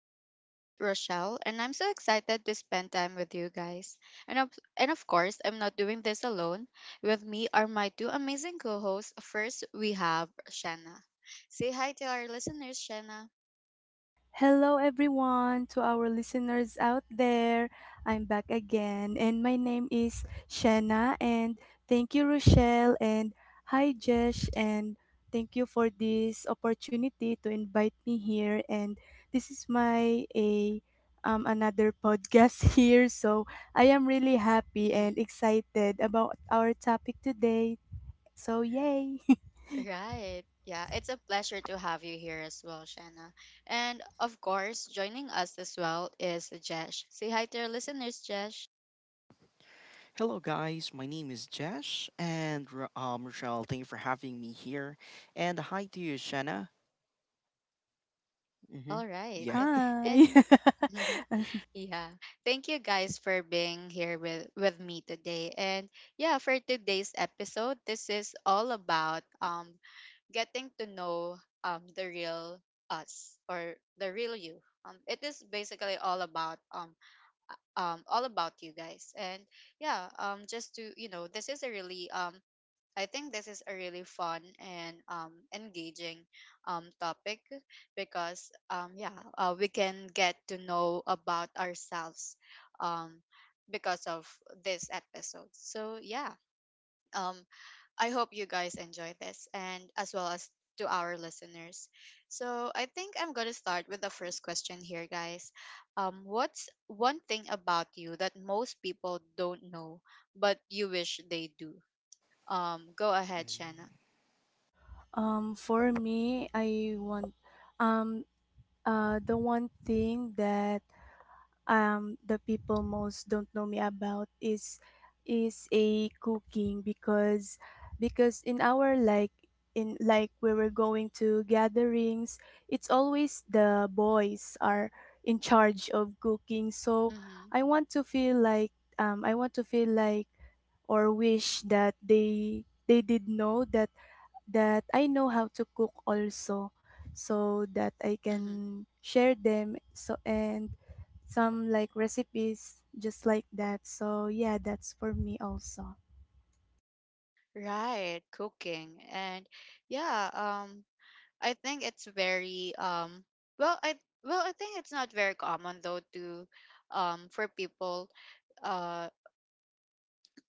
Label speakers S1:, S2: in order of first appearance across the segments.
S1: I'm your host Rochelle and I'm so excited to spend time with you guys. And of, and of course, I'm not doing this alone. With me are my two amazing co-hosts. First, we have Shanna. Say hi to our listeners, Shanna.
S2: Hello, everyone, to our listeners out there. I'm back again, and my name is Shanna. And thank you, Rochelle. And hi, Jesh. And thank you for this opportunity to invite me here. And this is my a another podcast here. So I am really happy and
S1: Mhm.
S2: excited about our topic today. So yay!
S1: Right. Yeah, it's a pleasure to have you here as well, Shanna. And of course, joining us as well is Jesh. Say hi to our listeners, Jesh.
S3: Hello, guys. My name is Jesh, and Rochelle, thank you for having me here. And hi to you, Shanna. Mm-hmm.
S1: All right.
S3: Yeah.
S2: Hi.
S1: And Yeah. Thank you guys for being here with me today. And yeah, for today's episode, this is all about getting to know the real us or the real you. It is basically all about you guys. And yeah, just to, you know, this is a really I think this is a really fun and engaging topic because yeah, we can get to know about ourselves um, because of this episode. So yeah, um, I hope you guys enjoy this and as well as to our listeners. So I think I'm gonna start with the first question here, guys. What's one thing about you that most people don't know but you wish they do? Go ahead, Shanna.
S2: For me, I want um the one thing that the people most don't know me about is a cooking, because in our like in like we were going to gatherings, it's always the boys are in charge of cooking. So
S1: Mm-hmm.
S2: I want to feel like, I want to feel like or wish that they did know that that I know how to cook also, so that I
S1: Mm-hmm.
S2: can share them so and some like recipes just like that. So yeah, that's for me also.
S1: Right, cooking. And yeah, I think it's very well I well, I think it's not very common though to for people uh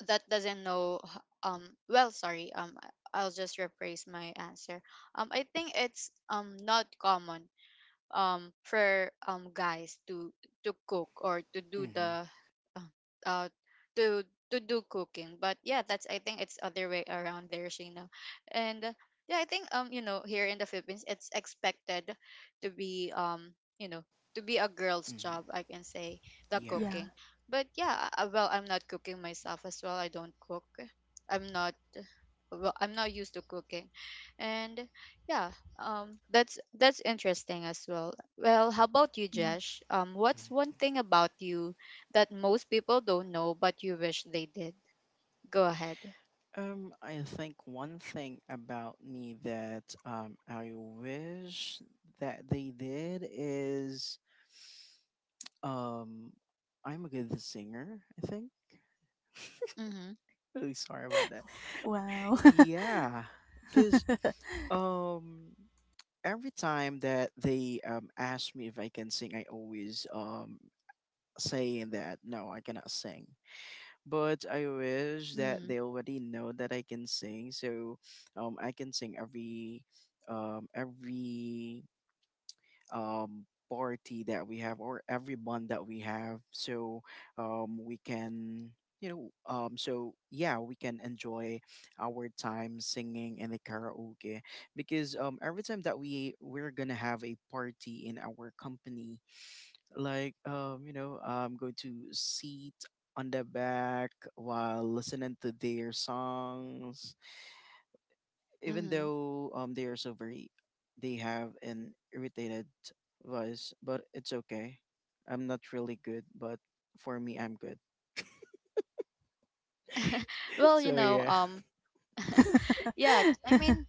S1: that doesn't know well sorry, I'll just rephrase my answer. I think it's not common for guys to cook or to do
S3: Mm-hmm.
S1: the uh, uh to do cooking. But yeah, that's, I think it's other way around there, Shayna. And yeah, I think, you know, here in the Philippines it's expected to be you know, to be a girl's job, I can say, the
S3: Yeah.
S2: Yeah.
S1: cooking. But well, I'm not cooking myself as well. I don't cook. I'm not, well, I'm not used to cooking. And yeah, that's interesting as well. Well, how about you,
S2: Yeah.
S1: Josh? What's one thing about you that most people don't know but you wish they did? Go ahead.
S3: I think one thing about me that I wish that they did is um I'm a good singer. I think.
S1: Mm-hmm.
S3: Really sorry about that.
S2: Wow.
S3: Yeah, because um every time that they ask me if I can sing, I always saying that no, I cannot sing. But I wish that
S1: Mm-hmm.
S3: they already know that I can sing, so I can sing every um every party that we have or every bond that we have. So we can so yeah we can enjoy our time singing in the karaoke because every time that we're gonna have a party in our company like you know I'm going to sit on the back while listening to their songs even
S1: Mm-hmm.
S3: though they are so very they have an irritated voice, but it's okay. I'm not really good, but for me I'm good.
S1: Well, you
S3: So
S1: know,
S3: yeah.
S1: yeah, I mean,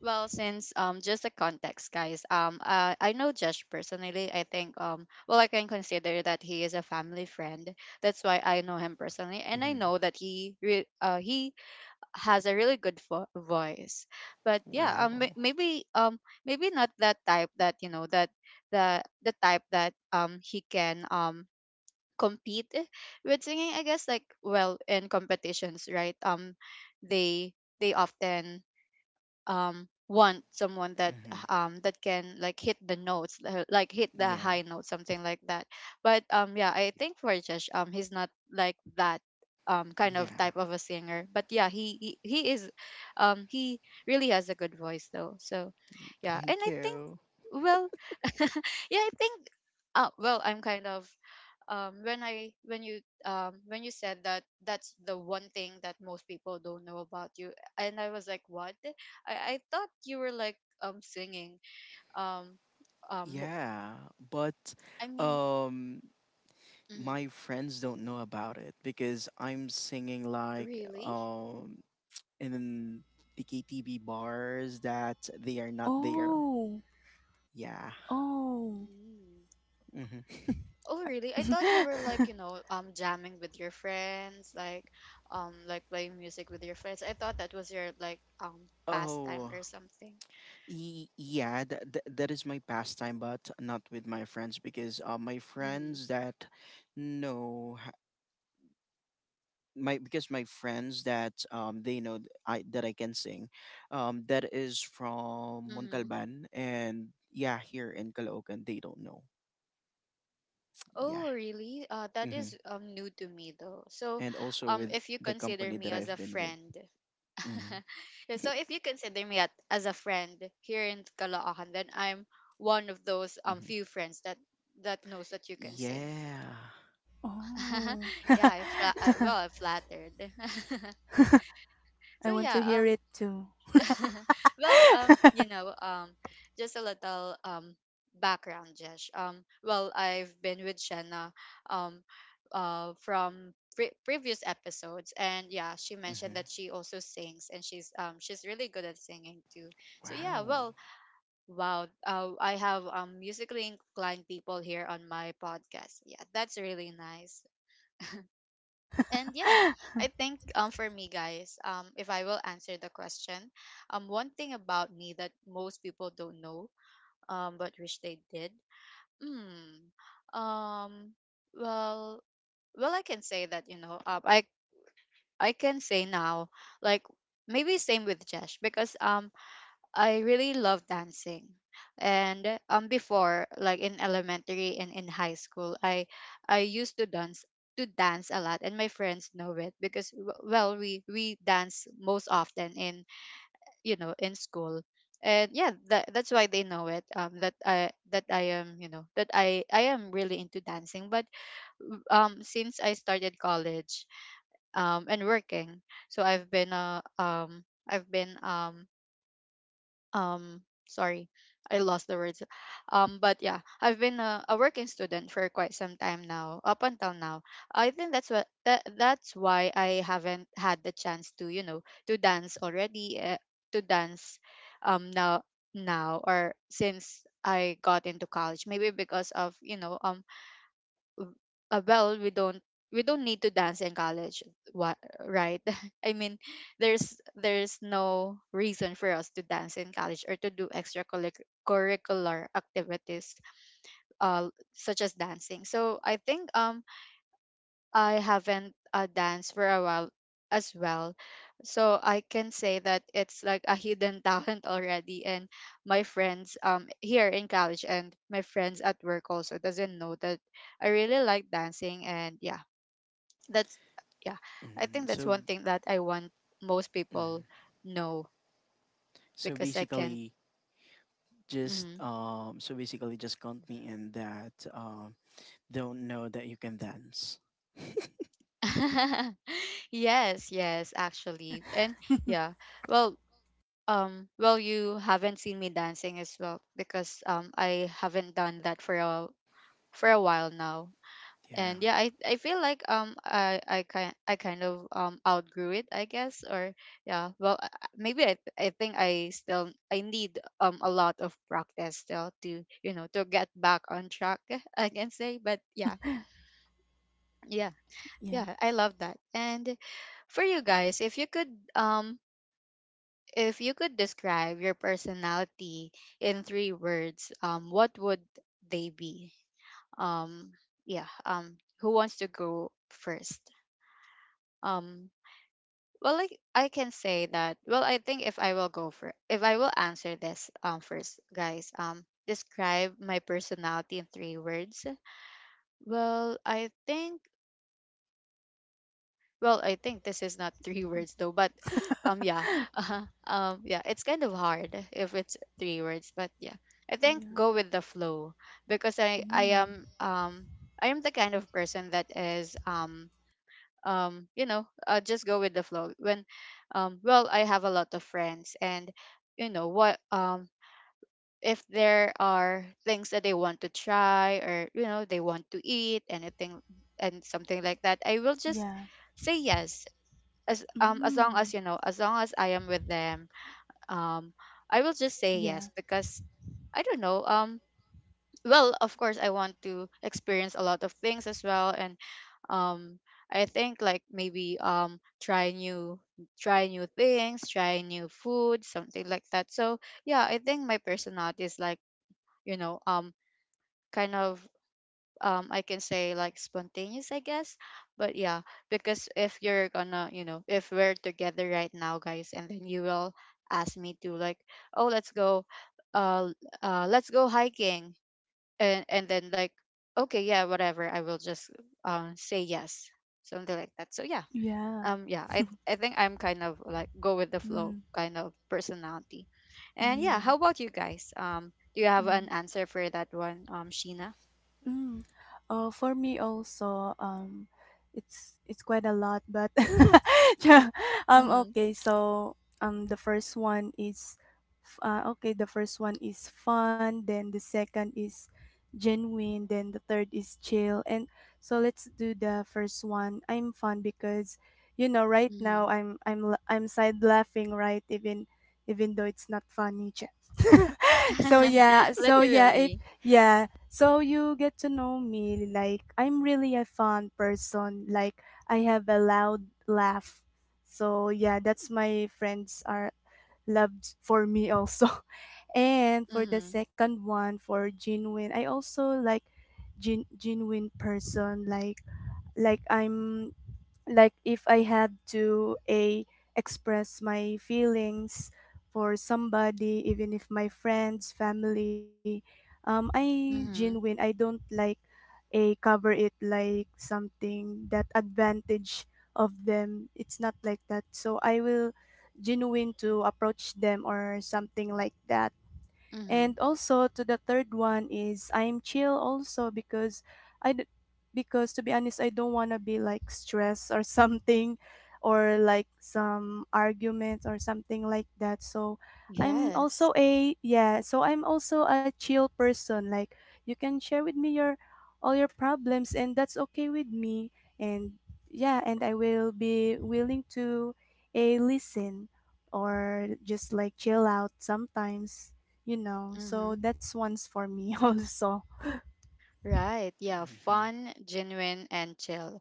S1: well, since, just a context, guys. I know Josh personally. I think, well, I can consider that he is a family friend. That's why I know him personally, and I
S3: hmm
S1: know that he has a really good voice. But yeah,
S3: wow.
S1: maybe, maybe not that type that, you know, that the type that he can compete with singing, I guess. Like, well, in competitions, right? They they often want someone that
S3: hmm
S1: that can like hit the notes, like hit the
S3: yeah.
S1: high note, something like that. But yeah, I think for Josh, he's not like that, kind of
S3: Yeah.
S1: type of a singer. But yeah, he, he is he really has a good voice though. So yeah, and
S3: Thank
S1: I think,
S3: you.
S1: well, yeah, I think, well, I'm kind of when I, when you said that that's the one thing that most people don't know about you, and I was like, what? I thought you were like singing. Um, um, mo-
S3: Yeah. But
S1: I mean,
S3: um
S1: mhm.
S3: my friends don't know about it because I'm singing like
S1: Really?
S3: in the KTV bars that they are not there.
S2: Oh.
S3: Yeah.
S2: Oh.
S1: Mm.
S3: hmm
S1: Oh, really? I thought you were like, you know, jamming with your friends, like playing music with your friends. I thought that was your like pastime
S3: Oh,
S1: or something.
S3: yeah, that is my pastime, but not with my friends because my
S1: Mm-hmm.
S3: friends that know h- my because my friends that they know th- I that I can sing, that is from
S1: Mm-hmm.
S3: Montalban. And yeah, here in Caloocan they don't know. Yeah.
S1: Oh, really? That
S3: Mm-hmm.
S1: is new to me though. So,
S3: And also with
S1: if you
S3: the
S1: consider
S3: company
S1: me
S3: that
S1: as
S3: I've
S1: a
S3: been with.
S1: friend,
S3: hmm
S1: Yeah, so if you consider me at, as a friend here in Caloocan, then I'm one of those
S3: hmm
S1: few friends that knows that you can sing.
S3: Yeah.
S2: Oh.
S1: Yeah, well, I'm flattered.
S2: I
S1: So
S2: want to
S1: yeah,
S2: hear it too.
S1: well, you know, just a little background, Jesh. Well, I've been with Shanna, um, from previous episodes, and yeah, she
S3: hmm
S1: mentioned that she also sings, and she's really good at singing too. So yeah,
S3: Wow.
S1: well, wow, I have musically inclined people here on my podcast. Yeah, that's really nice. And yeah, I think, for me, guys, if I will answer the question, one thing about me that most people don't know but wish they did. hmm um well, well, I can say that, you know, um, I can say now, like, maybe same with Jesh, because I really love dancing. And before, like in elementary and in high school, I used to dance, a lot, and my friends know it because well, we dance most often in, you know, in school. And yeah, that's why they know it, that I, that I am, you know, that I am really into dancing. But since I started college and working, so I've been, I've been, um sorry, I lost the words. But yeah, I've been a working student for quite some time now, up until now. I think that's what, that's why I haven't had the chance to, you know, to dance already, to dance now, now, or since I got into college, maybe because of, you know, well, we don't, we don't need to dance in college. What? Right. I mean, there's no reason for us to dance in college or to do extracurricular activities, such as dancing. So I think I haven't, danced for a while as well. So I can say that it's like a hidden talent already, and my friends here in college and my friends at work also doesn't know that I really like dancing. And yeah, that's, yeah. I think that's
S3: So,
S1: one thing that I want most people know,
S3: so
S1: because I can.
S3: basically, just
S1: Mhm.
S3: so basically just count me in that don't know that you can dance.
S1: Yes, yes,
S2: Yeah.
S1: actually, and yeah. Well, well, you haven't seen me dancing as well, because I haven't done that for a, for a while now.
S3: Yeah.
S1: And yeah, I feel like I kind, I kind of outgrew it, I guess. Or yeah, well, maybe, I think I still, I need a lot of practice still to, you know, to get back on track, I can say, but yeah, yeah, yeah, I love that. And for you guys, um if you could describe your personality in three words, what would they be? um yeah, who wants to go first? Um, well, like I can say that. Well, I think if I will go for, if I will answer this first, guys. Describe my personality in three words. Well, I think. Well, I think this is not three words though, but yeah, yeah, it's kind of hard if it's three words, but yeah, I think
S2: Yeah.
S1: go with the flow, because I
S2: Mm.
S1: am I am the kind of person that is you know, just go with the flow. When well, I have a lot of friends, and, you know what, if there are things that they want to try, or, you know, they want to eat anything and something like that, I will just
S2: Yeah.
S1: say yes, as long as,
S2: Mm.
S1: you know, as long as I am with them, um I will just say
S2: Yeah.
S1: yes, because I don't know, well, of course I want to experience a lot of things as well. And um I think, like, maybe try new, try new things, try new food, something like that. So yeah, I think my personality is like, you know, kind of, I can say, like, spontaneous, I guess. But yeah, because if you're gonna, you know, if we're together right now, guys, and then you will ask me to, like, oh, let's go, uh, let's go hiking, and then, like, okay, yeah, whatever, I will just say yes, something like that. So yeah,
S2: Yeah.
S1: yeah, I think I'm kind of like go with the flow
S2: Mm.
S1: kind of personality. And yeah,
S2: Mm.
S1: how about you guys, do you have
S2: Mm.
S1: an answer for that one, Sheena?
S2: Mm. For me also, it's quite a lot, but yeah,
S1: Mm-hmm.
S2: okay. So the first one is, okay. The first one is fun. Then the second is genuine. Then the third is chill. And so let's do the first one. I'm fun because, you know, right now
S1: Mm-hmm.
S2: I'm side laughing right even even though it's not funny. So yeah, so yeah, if
S1: Literally.
S2: yeah, so you get to know me like I'm really a fun person. Like I have a loud laugh. So yeah, that's my friends are loved for me also. And for the
S1: Mm-hmm.
S2: second one for genuine, I also like genuine person, like I'm like if I had to a express my feelings for somebody, even if my friends, family, I genuine.
S1: Mm-hmm.
S2: I don't like a cover it like something that advantage of them. It's not like that. So I will genuine to approach them or something like that. And
S1: Mm-hmm.
S2: also to the third one is I'm chill also, because i d- because to be honest, I don't want to be like stressed or something or like some arguments or something like that. So I'm
S1: Yes.
S2: also a yeah, so I'm also a chill person. Like you can share with me your all your problems, and that's okay with me. And yeah, and I will be willing to a listen or just like chill out sometimes, you know. So
S1: Mm-hmm.
S2: that's one's for me also.
S1: Right. Yeah.
S3: hmm
S1: Fun, genuine, and chill.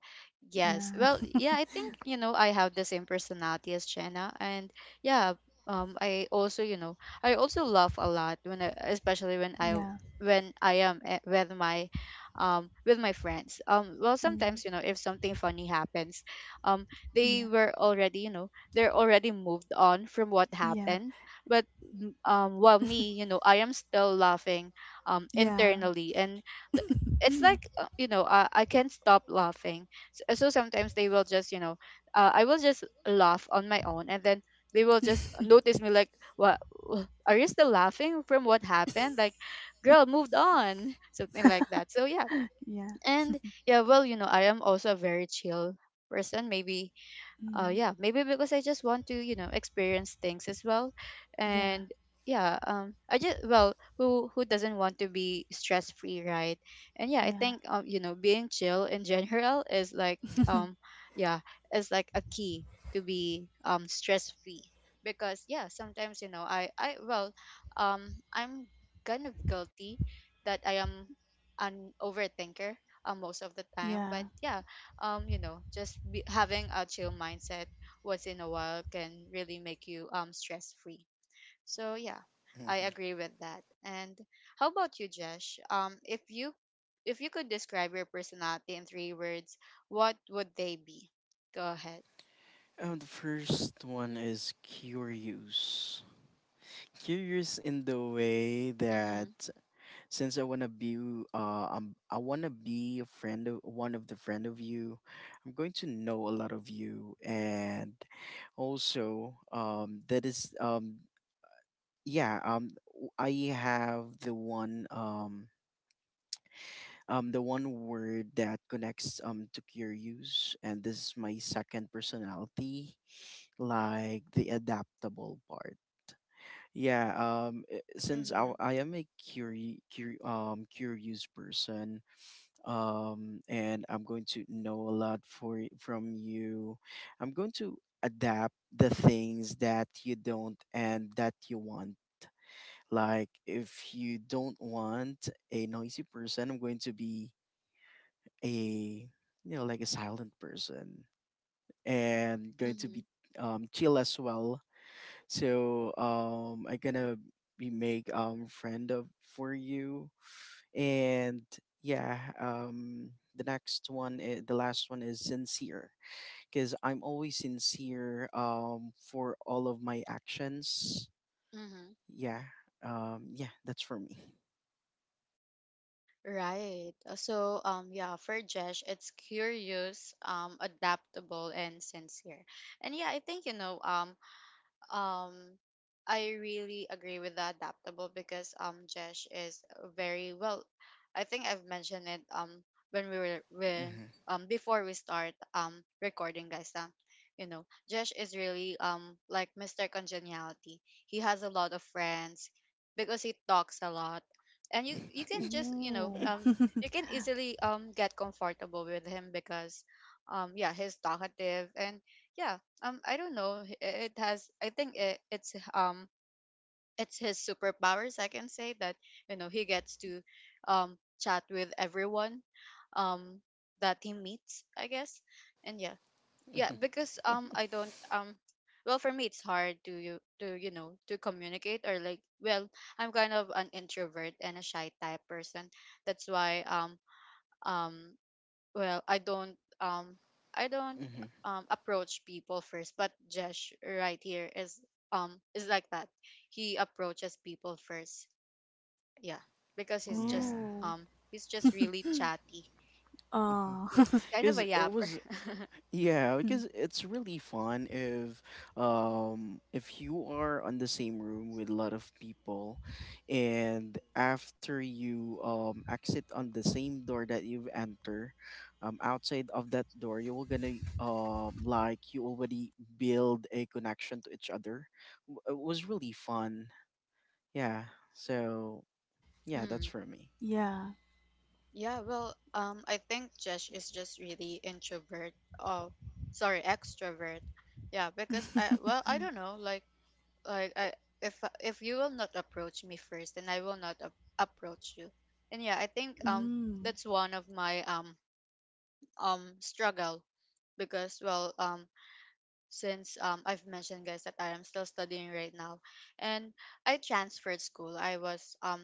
S1: Yes.
S2: Yeah.
S1: Well, yeah, I think, you know, I have the same personality as Jenna. And yeah, I also, you know, I also laugh a lot when I, especially when
S2: Yeah.
S1: I, when I am, eh, with my friends. Well, sometimes,
S2: Mm.
S1: you know, if something funny happens, um they
S2: Yeah.
S1: were already, you know, they're already moved on from what
S2: Yeah.
S1: happened. But while me, you know, I am still laughing
S2: Yeah.
S1: internally, and it's like I can't stop laughing. So sometimes they will just you know I will just laugh on my own, and then they will just notice me like, what, are you still laughing from what happened? Like, girl, moved on something like that. So yeah.
S2: Yeah.
S1: And yeah, well, you know, I am also a very chill person. Maybe
S2: Mm.
S1: yeah, maybe because I just want to, you know, experience things as well.
S2: Yeah.
S1: And yeah, I just, well, who doesn't want to be stress free, right? And yeah, I
S2: Yeah.
S1: think, you know, being chill in general is like, um yeah, is like a key to be stress free. Because yeah, sometimes I'm kind of guilty that I am an overthinker most of the time.
S2: Yeah.
S1: But yeah, you know, just having a chill mindset once in a while can really make you stress free. So yeah, I
S3: hmm
S1: agree with that. And how about you, Jesh? If you, if you could describe your personality in three words, what would they be? Go ahead.
S3: And the first one is curious. Curious in the way that
S1: Mm-hmm.
S3: since I wanna be a friend of one of the friend of you, I'm going to know a lot of you, and also that is yeah, I have the one word that connects to curious, and this is my second personality, like the adaptable part. Yeah, since I,
S1: Mm-hmm.
S3: I am a curious person, and I'm going to know a lot from you, I'm going to adapt the things that you don't and that you want. Like, if you don't want a noisy person, I'm going to be a, you know, like a silent person, and going to be
S1: Mm-hmm.
S3: chill as well. So I gonna be make friend of for you. And yeah, the next one, the last one is sincere because I'm always sincere for all of my actions.
S1: Mm-hmm.
S3: Yeah. Yeah, that's for me.
S1: Right. So, yeah, for Jesh, it's curious, adaptable, and sincere. And yeah, I think, you know, Um, I really agree with the adaptable because Jesh is very well. I think I've mentioned it when we were, when
S3: hmm
S1: before we start recording, guys. You know, Jesh is really like Mr. Congeniality. He has a lot of friends because he talks a lot, and you can just,
S2: Ooh.
S1: you can easily get comfortable with him because yeah, he's talkative. And yeah, I don't know. It has. I think it's his superpowers. I can say that, you know, he gets to chat with everyone um that he meets, I guess. And yeah, yeah. Because I don't well, for me, it's hard to you, to to communicate, or like, well, I'm kind of an introvert and a shy type person. That's why um well, I don't
S3: hmm
S1: approach people first. But Jesh right here is like that. He approaches people first. Yeah, because he's just,
S3: yeah,
S2: Ooh.
S1: he's just really chatty.
S2: Oh.
S1: Yes, kind of a
S3: because it
S1: yapper.
S3: was. Yeah, because it's really fun if you are on the same room with a lot of people, and after you exit on the same door that you've entered, outside of that door you're gonna like you already build a connection to each other. It was really fun. Yeah. So yeah, that's
S1: Mm.
S3: for me.
S2: Yeah.
S1: Yeah, well, I think Jesh is just really introvert. Oh, sorry, extrovert. Yeah, because I, well, I don't know, like I, if if you will not approach me first, then I will not approach you. And yeah, I think
S2: Mm.
S1: that's one of my struggle. Because well, since I've mentioned, guys, that I am still studying right now, and I transferred school. I was um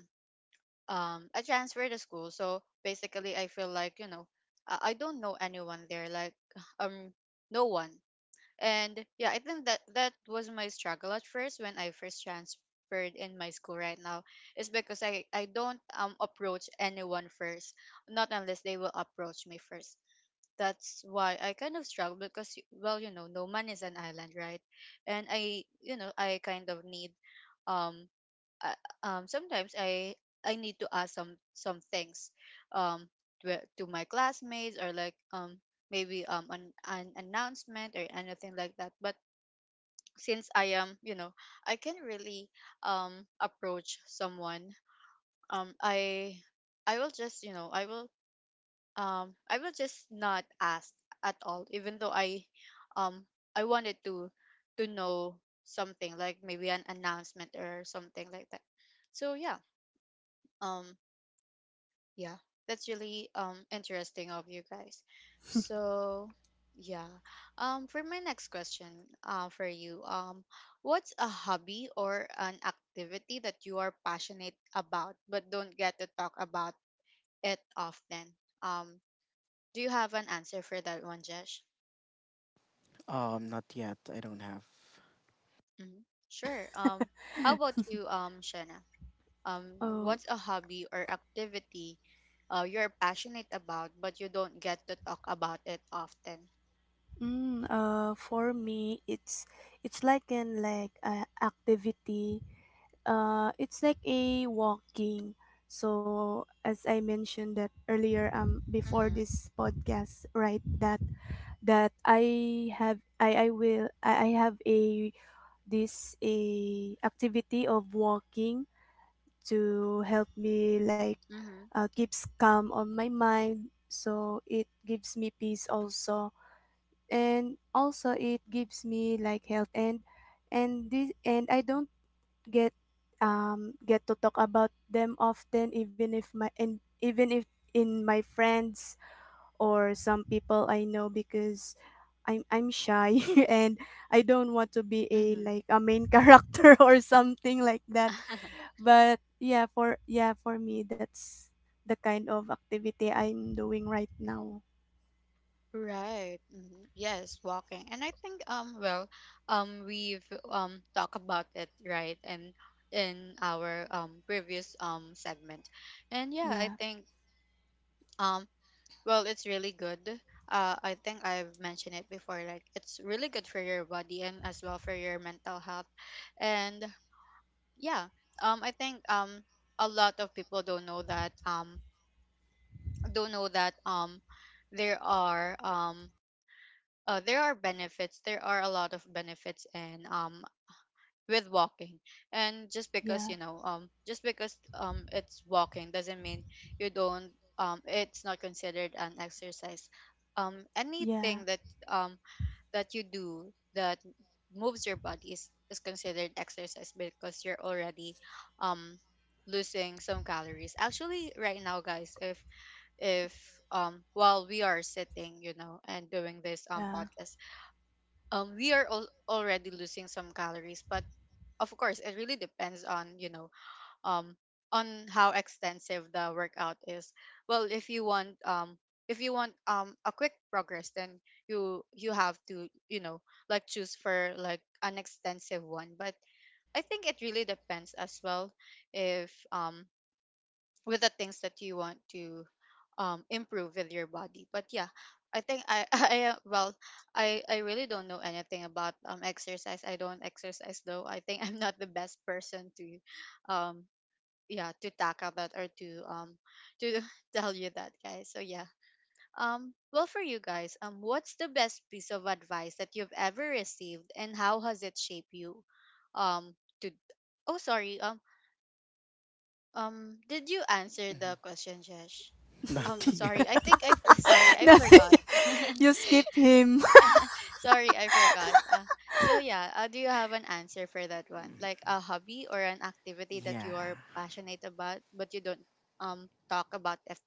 S1: um I transferred to school. So basically, I feel like, you know, I don't know anyone there, like um no one. And yeah, I think that that was my struggle at first when I first transferred in my school right now, is because I don't approach anyone first, not unless they will approach me first. That's why I kind of struggle, because well, you know, no man is an island, right? And I, you know, I kind of need um I, sometimes I need to ask some things um to my classmates, or like, maybe an announcement or anything like that. But since I am, you know, I can really approach someone, um I I will just, you know, I will just not ask at all, even though um I wanted to know something, like maybe an announcement or something like that. So yeah, um yeah, that's really interesting of you guys. So yeah, for my next question, for you, what's a hobby or an activity that you are passionate about but don't get to talk about it often? um do you have an answer for that one, Jesh?
S3: Not yet. I don't have.
S1: Hmm. Sure. How about you, Shana?
S2: Oh.
S1: What's a hobby or activity you're passionate about but you don't get to talk about it often?
S2: Mm, for me, it's like an like activity. It's like a walking. So as I mentioned that earlier, before
S1: Mm-hmm.
S2: this podcast, right? That that I have, I have a this a activity of walking to help me like
S1: Mm-hmm.
S2: keeps calm on my mind. So it gives me peace also, and also it gives me like health. And this and I don't get get to talk about them often, even if my and even if in my friends or some people I know, because I'm shy and I don't want to be a
S1: Mm-hmm.
S2: like a main character or something like that. But yeah, for yeah, for me that's the kind of activity I'm doing right now.
S1: Right. Hmm. Yes, walking. And I think, well, we've talked about it, right? And in our previous segment. And yeah,
S2: Yeah.
S1: I think um well, it's really good. I think I've mentioned it before, like, it's really good for your body and as well for your mental health. And yeah, I think a lot of people don't know that there are um there are benefits. There are a lot of benefits, and with walking. And just because,
S2: Yeah.
S1: you know, just because, it's walking doesn't mean you don't. It's not considered an exercise.
S2: Yeah.
S1: Anything that um that you do that moves your body is considered exercise, because you're already um losing some calories actually right now, guys. If while we are sitting, you know, and doing this
S2: Yeah.
S1: podcast, we are already losing some calories, but of course it really depends on, you know, um on how extensive the workout is. Well, if you want a quick progress, then you have to, you know, like, choose for like an extensive one. But I think it really depends as well, if with the things that you want to improve with your body. But yeah, I think I I well, I really don't know anything about exercise. I don't exercise, though. I think I'm not the best person to um yeah, to tackle that or to tell you that, guys. So yeah, well, for you guys, what's the best piece of advice that you've ever received, and how has it shaped you? Um to Oh sorry, did you answer the question, Jesh?
S3: Not yet.
S1: Sorry, I think I sorry, I
S2: No,
S1: forgot.
S2: you skip him.
S1: Sorry, I forgot. So yeah, do you have an answer for that one? Like a hobby or an activity that
S3: Yeah.
S1: you are passionate about, but you don't um talk about it,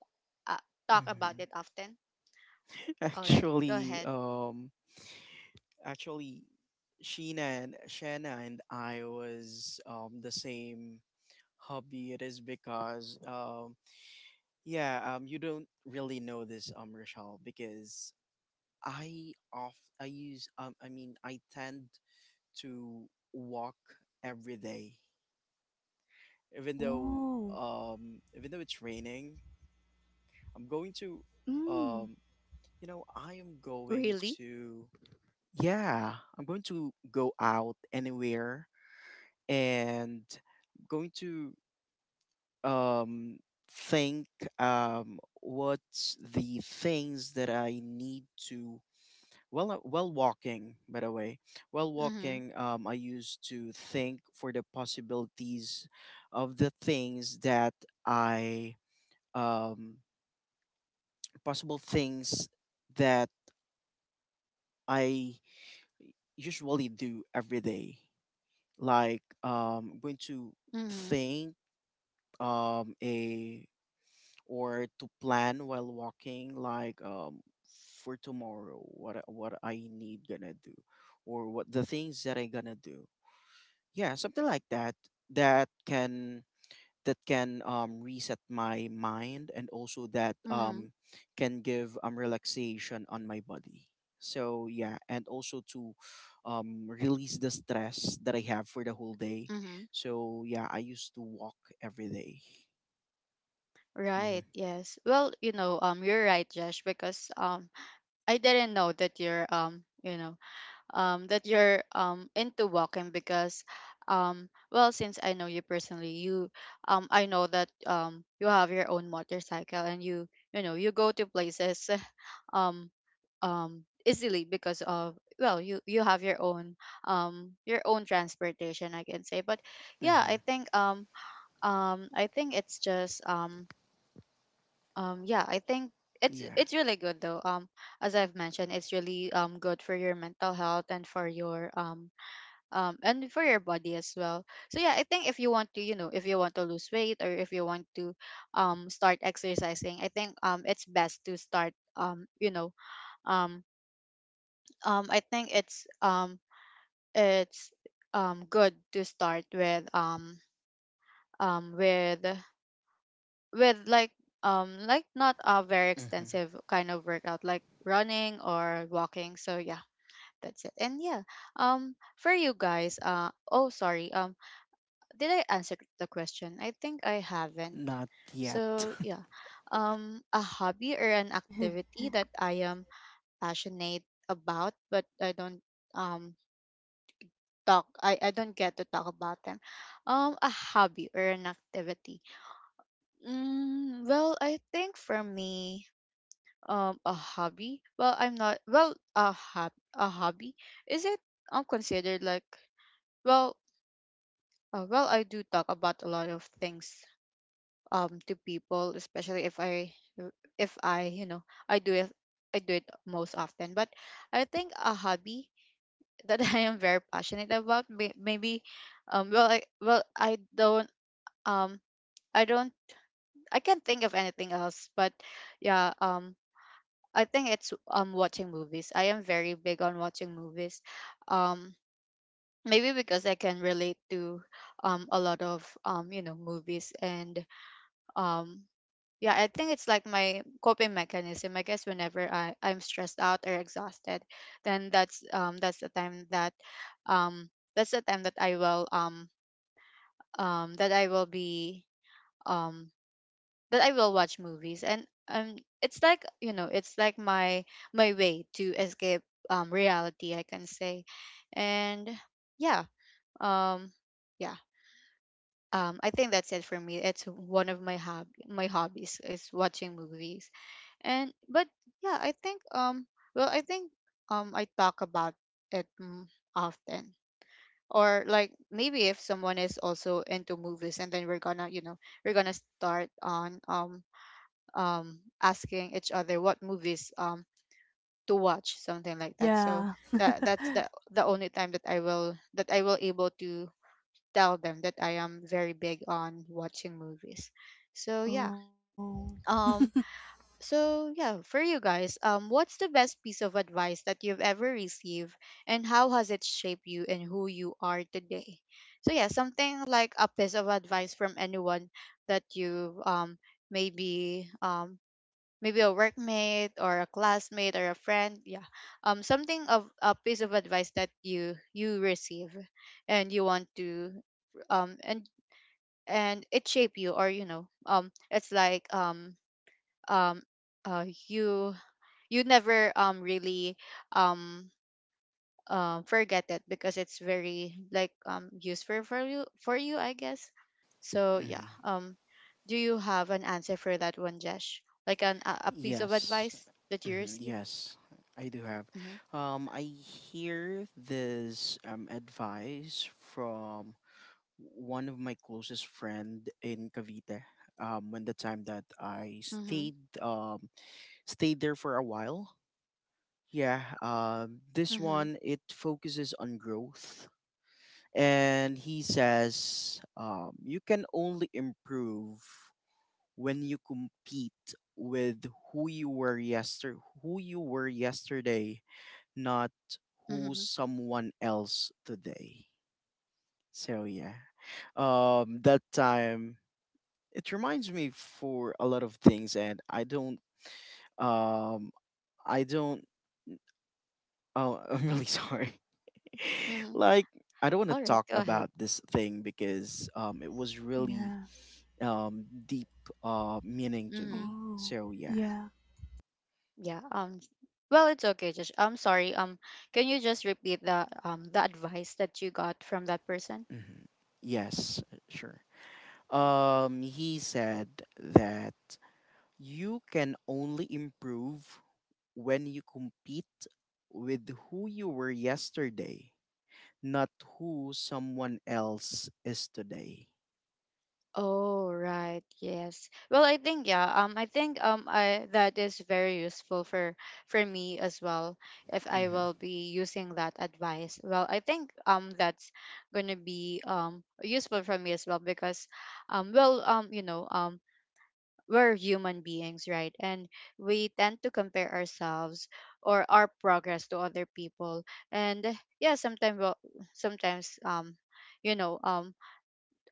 S1: uh, talk about
S3: Mhm.
S1: it often. All right, go
S3: Actually,
S1: ahead.
S3: actually, Sheena and Shanna and I was the same hobby. It is because yeah you don't really know this Rochelle because I off I use I mean, I tend to walk every day, even though
S2: Oh.
S3: it's raining. I'm going to
S2: Mm.
S3: um I am going
S1: Really?
S3: to, yeah, I'm going to go out anywhere and going to um think what's the things that I need to, well while walking, by the way. While
S1: Mm-hmm.
S3: walking I used to think for the possibilities of the things that I um possible things that I usually do every day, like going to
S1: Mm-hmm.
S3: think a or to plan while walking, like for tomorrow what what I need gonna do or what the things that I gonna do. Yeah, something like that, that can, that can reset my mind, and also that
S1: Mm-hmm.
S3: can give relaxation on my body. So yeah, and also to release the stress that I have for the whole day.
S1: Mm-hmm.
S3: So yeah, I used to walk every day. Mm-hmm.
S1: Right. Yes. Well, you know, you're right, Josh, because I didn't know that you're you know, that you're into walking. Because well, since I know you personally, you I know that you have your own motorcycle, and you know, you go to places um, easily because of, well, you have your own transportation, I can say. But yeah,
S3: Mm-hmm.
S1: I think it's just yeah, I think
S3: Yeah.
S1: it's really good, though, as I've mentioned. It's really good for your mental health and for your body as well. So yeah, I think if you want to, you know, if you want to lose weight, or if you want to start exercising, I think it's best to start, you know, um I think it's good to start um with with like not a very
S3: Mm-hmm.
S1: extensive kind of workout, like running or walking. So yeah, that's it. And yeah, for you guys, oh sorry, did I answer the question? I think I haven't.
S3: Not yet.
S1: So yeah, a hobby or an activity that I am passionate about, but I don't um talk. I don't get to talk about them. A hobby or an activity. Mm, well, I think for me, a hobby. Well, I'm not. Well, a hobby, is it? Considered like, well. Well, I do talk about a lot of things to people, especially if I, if I, you know, i do it I do it most often. But I think a hobby that I am very passionate about, maybe, well, I, well, um i don't I can't think of anything else. But yeah, I think it's watching movies. I am very big on watching movies. um Maybe because I can relate to a lot of you know, movies, and um yeah, I think it's like my coping mechanism. I guess whenever I'm stressed out or exhausted, then that's the time that um that's the time that I will be um that I will watch movies, and it's like, you know, it's like my way to escape reality, I can say. And yeah um yeah I think that's it for me. It's one of my hob my hobbies is watching movies. And but Yeah, I think well, I think I talk about it, often. Or like maybe if someone is also into movies, and then we're gonna, we're gonna start on asking each other what movies to watch, something like that. So
S2: Yeah.
S1: that's the only time that I will able to tell them that I am very big on watching movies. So yeah.
S2: Oh.
S1: Um so yeah, for you guys, what's the best piece of advice that you've ever received, and how has it shaped you and who you are today? So yeah, something like a piece of advice from anyone that you've, maybe maybe a workmate or a classmate or a friend, yeah. Something of a piece of advice that you receive, and you want to um and and it shape you, or you know, it's like um you you never really um forget it, because it's very, like, useful for you, for you, I guess. So yeah.
S3: Mm-hmm.
S1: Do you have an answer for that one, Jesh? Like a piece of
S3: Yes.
S1: advice that you
S3: Mm-hmm.
S1: receive?
S3: Yes. I do have.
S1: Mm-hmm.
S3: I hear this advice from one of my closest friend in Cavite. When the time that I
S1: Mm-hmm.
S3: stayed, stayed there for a while. Yeah. This
S1: Mm-hmm.
S3: one it focuses on growth, and he says, you can only improve when you compete with who you were yester who you were yesterday, not who
S1: Mm-hmm.
S3: someone else today. So yeah, that time it reminds me for a lot of things, and um I don't oh, I'm really sorry.
S1: Mm-hmm.
S3: Like, I don't want to
S1: All right,
S3: talk
S1: go ahead.
S3: about this thing because it was really
S2: Yeah.
S3: deep meaning to
S1: Mm-hmm.
S3: me,
S2: Oh.
S3: so yeah.
S2: Yeah.
S1: Yeah. Um, well, it's okay. Just I'm sorry. Um, can you just repeat the advice that you got from that person?
S3: hmm yes, sure. Um, he said that you can only improve when you compete with who you were yesterday, not who someone else is today.
S1: Oh right, yes. Well, I think, yeah. I think, I that is very useful for me as well. If I
S3: Mm-hmm.
S1: will be using that advice, well, I think, that's gonna be useful for me as well, because um, well, um, you know um, we're human beings, right? And we tend to compare ourselves or our progress to other people. And yeah, sometimes, sometimes you know um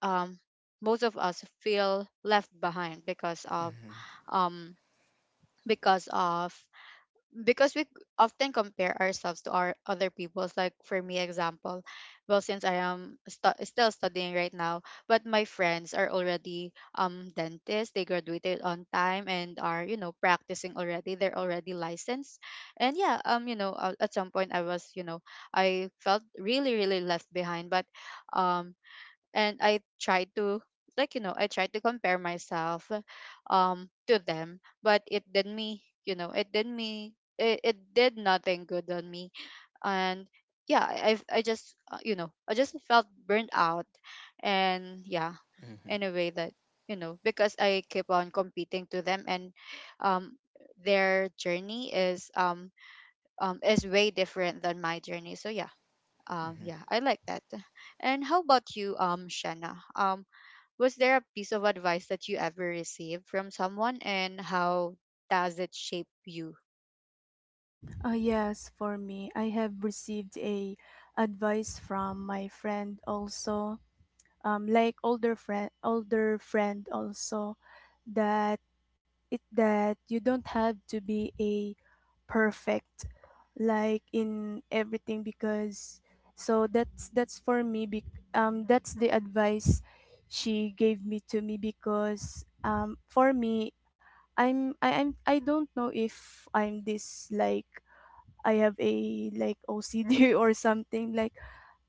S1: um most of us feel left behind because of um because of because we often compare ourselves to our other people's, like for me example. Well, since I am still studying right now, but my friends are already dentists. They graduated on time and are, you know, practicing already, they're already licensed. And yeah, you know, at some point I was, you know, I felt really, really left behind. But um and I tried to, like, you know, I tried to compare myself to them, but it did me, you know, it did me, it did nothing good on me. And yeah, I just, you know, I just felt burnt out. And yeah,
S3: Mm-hmm.
S1: in a way that, you know, because I keep on competing to them, and um their journey is way different than my journey. So yeah,
S3: Mm-hmm.
S1: yeah, I like that. And how about you, Shanna? Was there a piece of advice that you ever received from someone, and how does it shape you?
S2: Yes, for me, I have received a advice from my friend also, like older friend also, that it that you don't have to be a perfect like in everything, because so that's that's for me bec that's the advice she gave me to me. Because for me, I'm I don't know if I'm this like I have a like OCD or something like,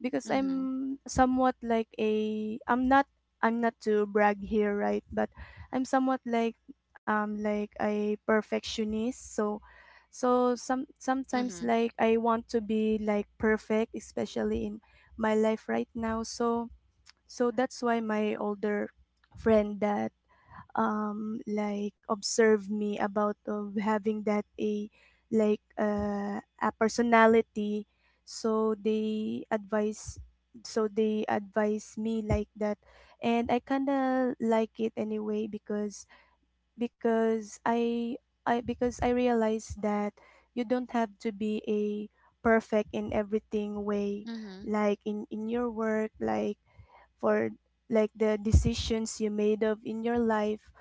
S2: because
S1: Mm-hmm.
S2: I'm somewhat like a I'm not, I'm not to brag here, right? But I'm somewhat like, like a perfectionist. So sometimes
S1: Mm-hmm.
S2: like I want to be like perfect, especially in my life right now. So that's why my older friend that like observe me about of having that a like a personality. So they advise me like that. And I kind of like it anyway, because I because I realize that you don't have to be a perfect in everything way,
S1: Mm-hmm.
S2: like in your work, like for like the decisions you made of in your life.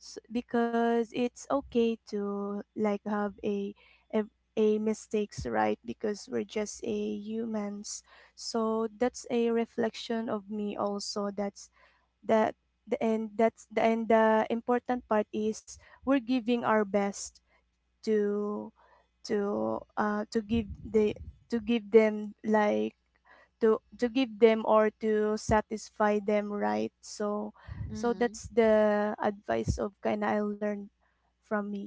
S2: S because it's okay to like have a a mistakes, right? Because we're just a humans. So that's a reflection of me also. That's that the, and that's the, and the important part is we're giving our best to to give the to give them like to give them or to satisfy them, right? So
S1: Mm-hmm.
S2: that's the advice of kind of I learned from me.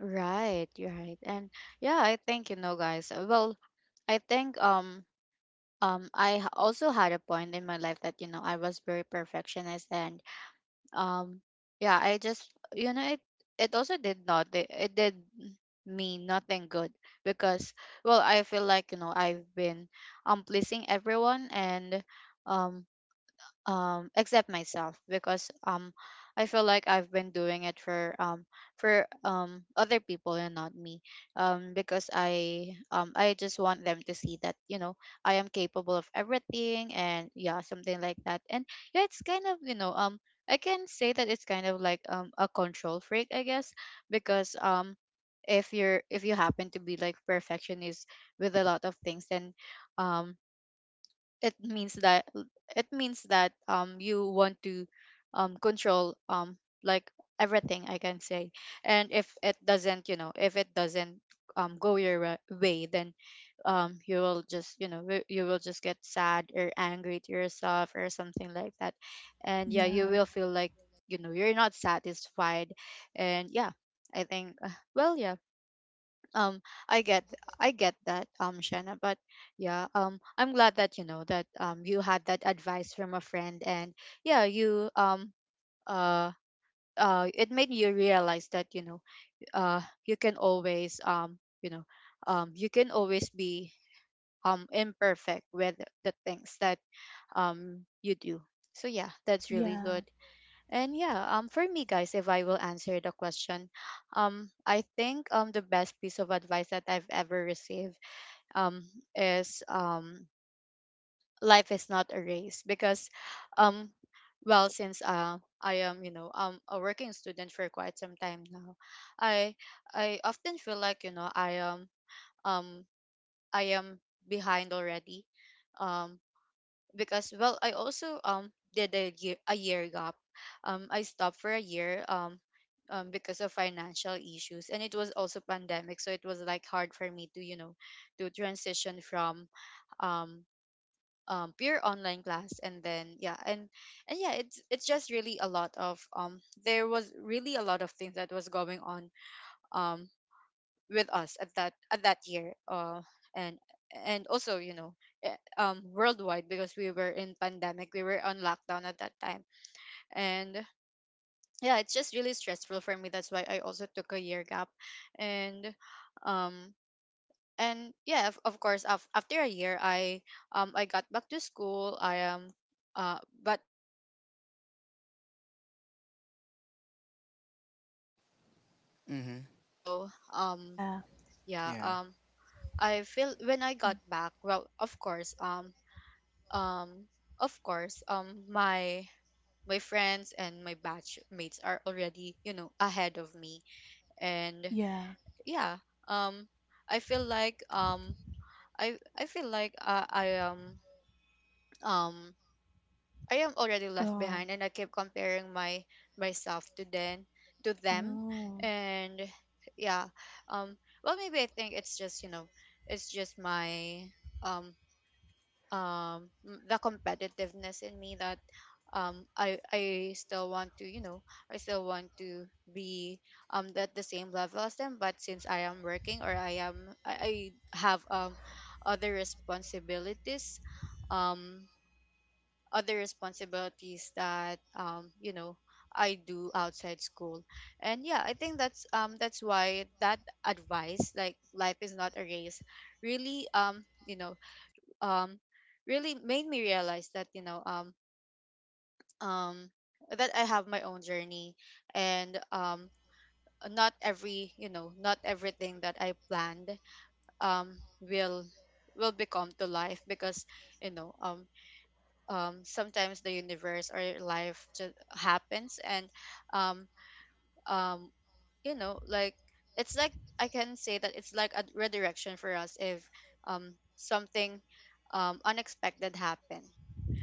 S1: Right. you're Right. And yeah, I think, you know, guys. Well, I think I also had a point in my life that, you know, I was very perfectionist. And um, yeah, I just, you know, it also did not, it did me nothing good, because well, I feel like, you know, I've been pleasing everyone, and um except myself, because I feel like I've been doing it for other people and not me, because I just want them to see that, you know, I am capable of everything, and yeah, something like that. And yeah, it's kind of, you know, I can say that it's kind of like a control freak, I guess, because if you're if you happen to be like perfectionist with a lot of things, then um it means that it means that you want to control like everything, I can say. And if it doesn't, you know, if it doesn't go your way, then you will just, you know, you will just get sad or angry to yourself or something like that. And yeah, you
S2: Yeah.
S1: will feel like, you know, you're not satisfied. And yeah, I think well, yeah. Um, I get I get that, Shanna, but yeah, I'm glad that, you know, that you had that advice from a friend, and yeah, you uh it made you realize that, you know, you can always you know, you can always be imperfect with the things that you do. So yeah, that's really
S2: Yeah.
S1: good. And yeah, um, for me, guys, if I will answer the question, I think the best piece of advice that I've ever received um is life is not a race. Because um well, since I am, you know, a working student for quite some time now, I I often feel like, you know, um I am behind already, um because well, I also did a year gap. Um, I stopped for a year, because of financial issues, and it was also pandemic, so it was like hard for me to, you know, to transition from um pure online class and then yeah, and yeah, it's just really a lot of, there was really a lot of things that was going on um with us at that year. And and also, you know, worldwide, because we were in pandemic, we were on lockdown at that time. And yeah, it's just really stressful for me, that's why I also took a year gap. And um and yeah, of course, after a year, I I got back to school. I am but I am still working. I I was working in the BPO industry at that time.
S3: Mm-hmm.
S1: So um
S2: Yeah.
S1: yeah,
S3: Yeah.
S1: I feel when I got
S2: Mm.
S1: back, well, of course, um of course, my my friends and my batch mates are already, you know, ahead of me. And
S2: Yeah.
S1: yeah, um I feel like I feel like, um I am already left
S2: Um.
S1: behind, and I keep comparing my myself to then to them.
S2: Oh.
S1: And yeah, um well, maybe I think it's just, you know, it's just my um the competitiveness in me, that I still want to, you know, I still want to be at the same level as them. But since I am working, or I am I have other responsibilities, um other responsibilities that, you know, I do outside school. And yeah, I think that's why that advice, like life is not a race, really, you know, um really made me realize that, you know, um that I have my own journey. And not every, you know, not everything that I planned um will will become to life, because, you know, sometimes the universe or life just happens, and um um you know, like, it's like, I can say that it's like a redirection for us, if something unexpected happens.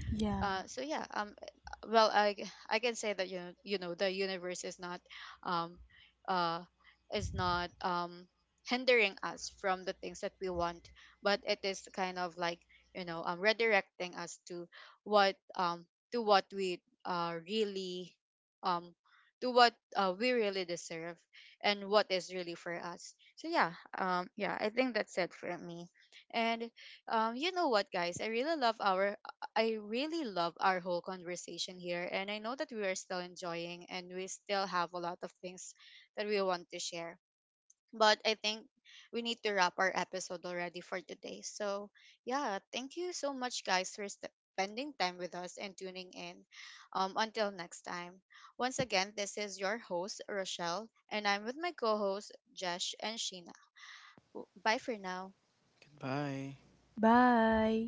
S2: Yeah.
S1: So yeah, well, I can say that, you know the universe um uh is not hindering us from the things that we want, but it is kind of like, you know, redirecting us what um to what we really um to what we really deserve, and what is really for us. So yeah, yeah, I think that's it for me. And you know what, guys, I really love our I really love our whole conversation here, and I know that we are still enjoying and we still have a lot of things that we want to share. But I think we need to wrap our episode already for today. So yeah, thank you so much, guys, for spending time with us and tuning in. Until next time. Once again, this is your host, Rochelle, and I'm with my co host, Jesh and Sheena. Bye for now.
S3: Goodbye.
S2: Bye.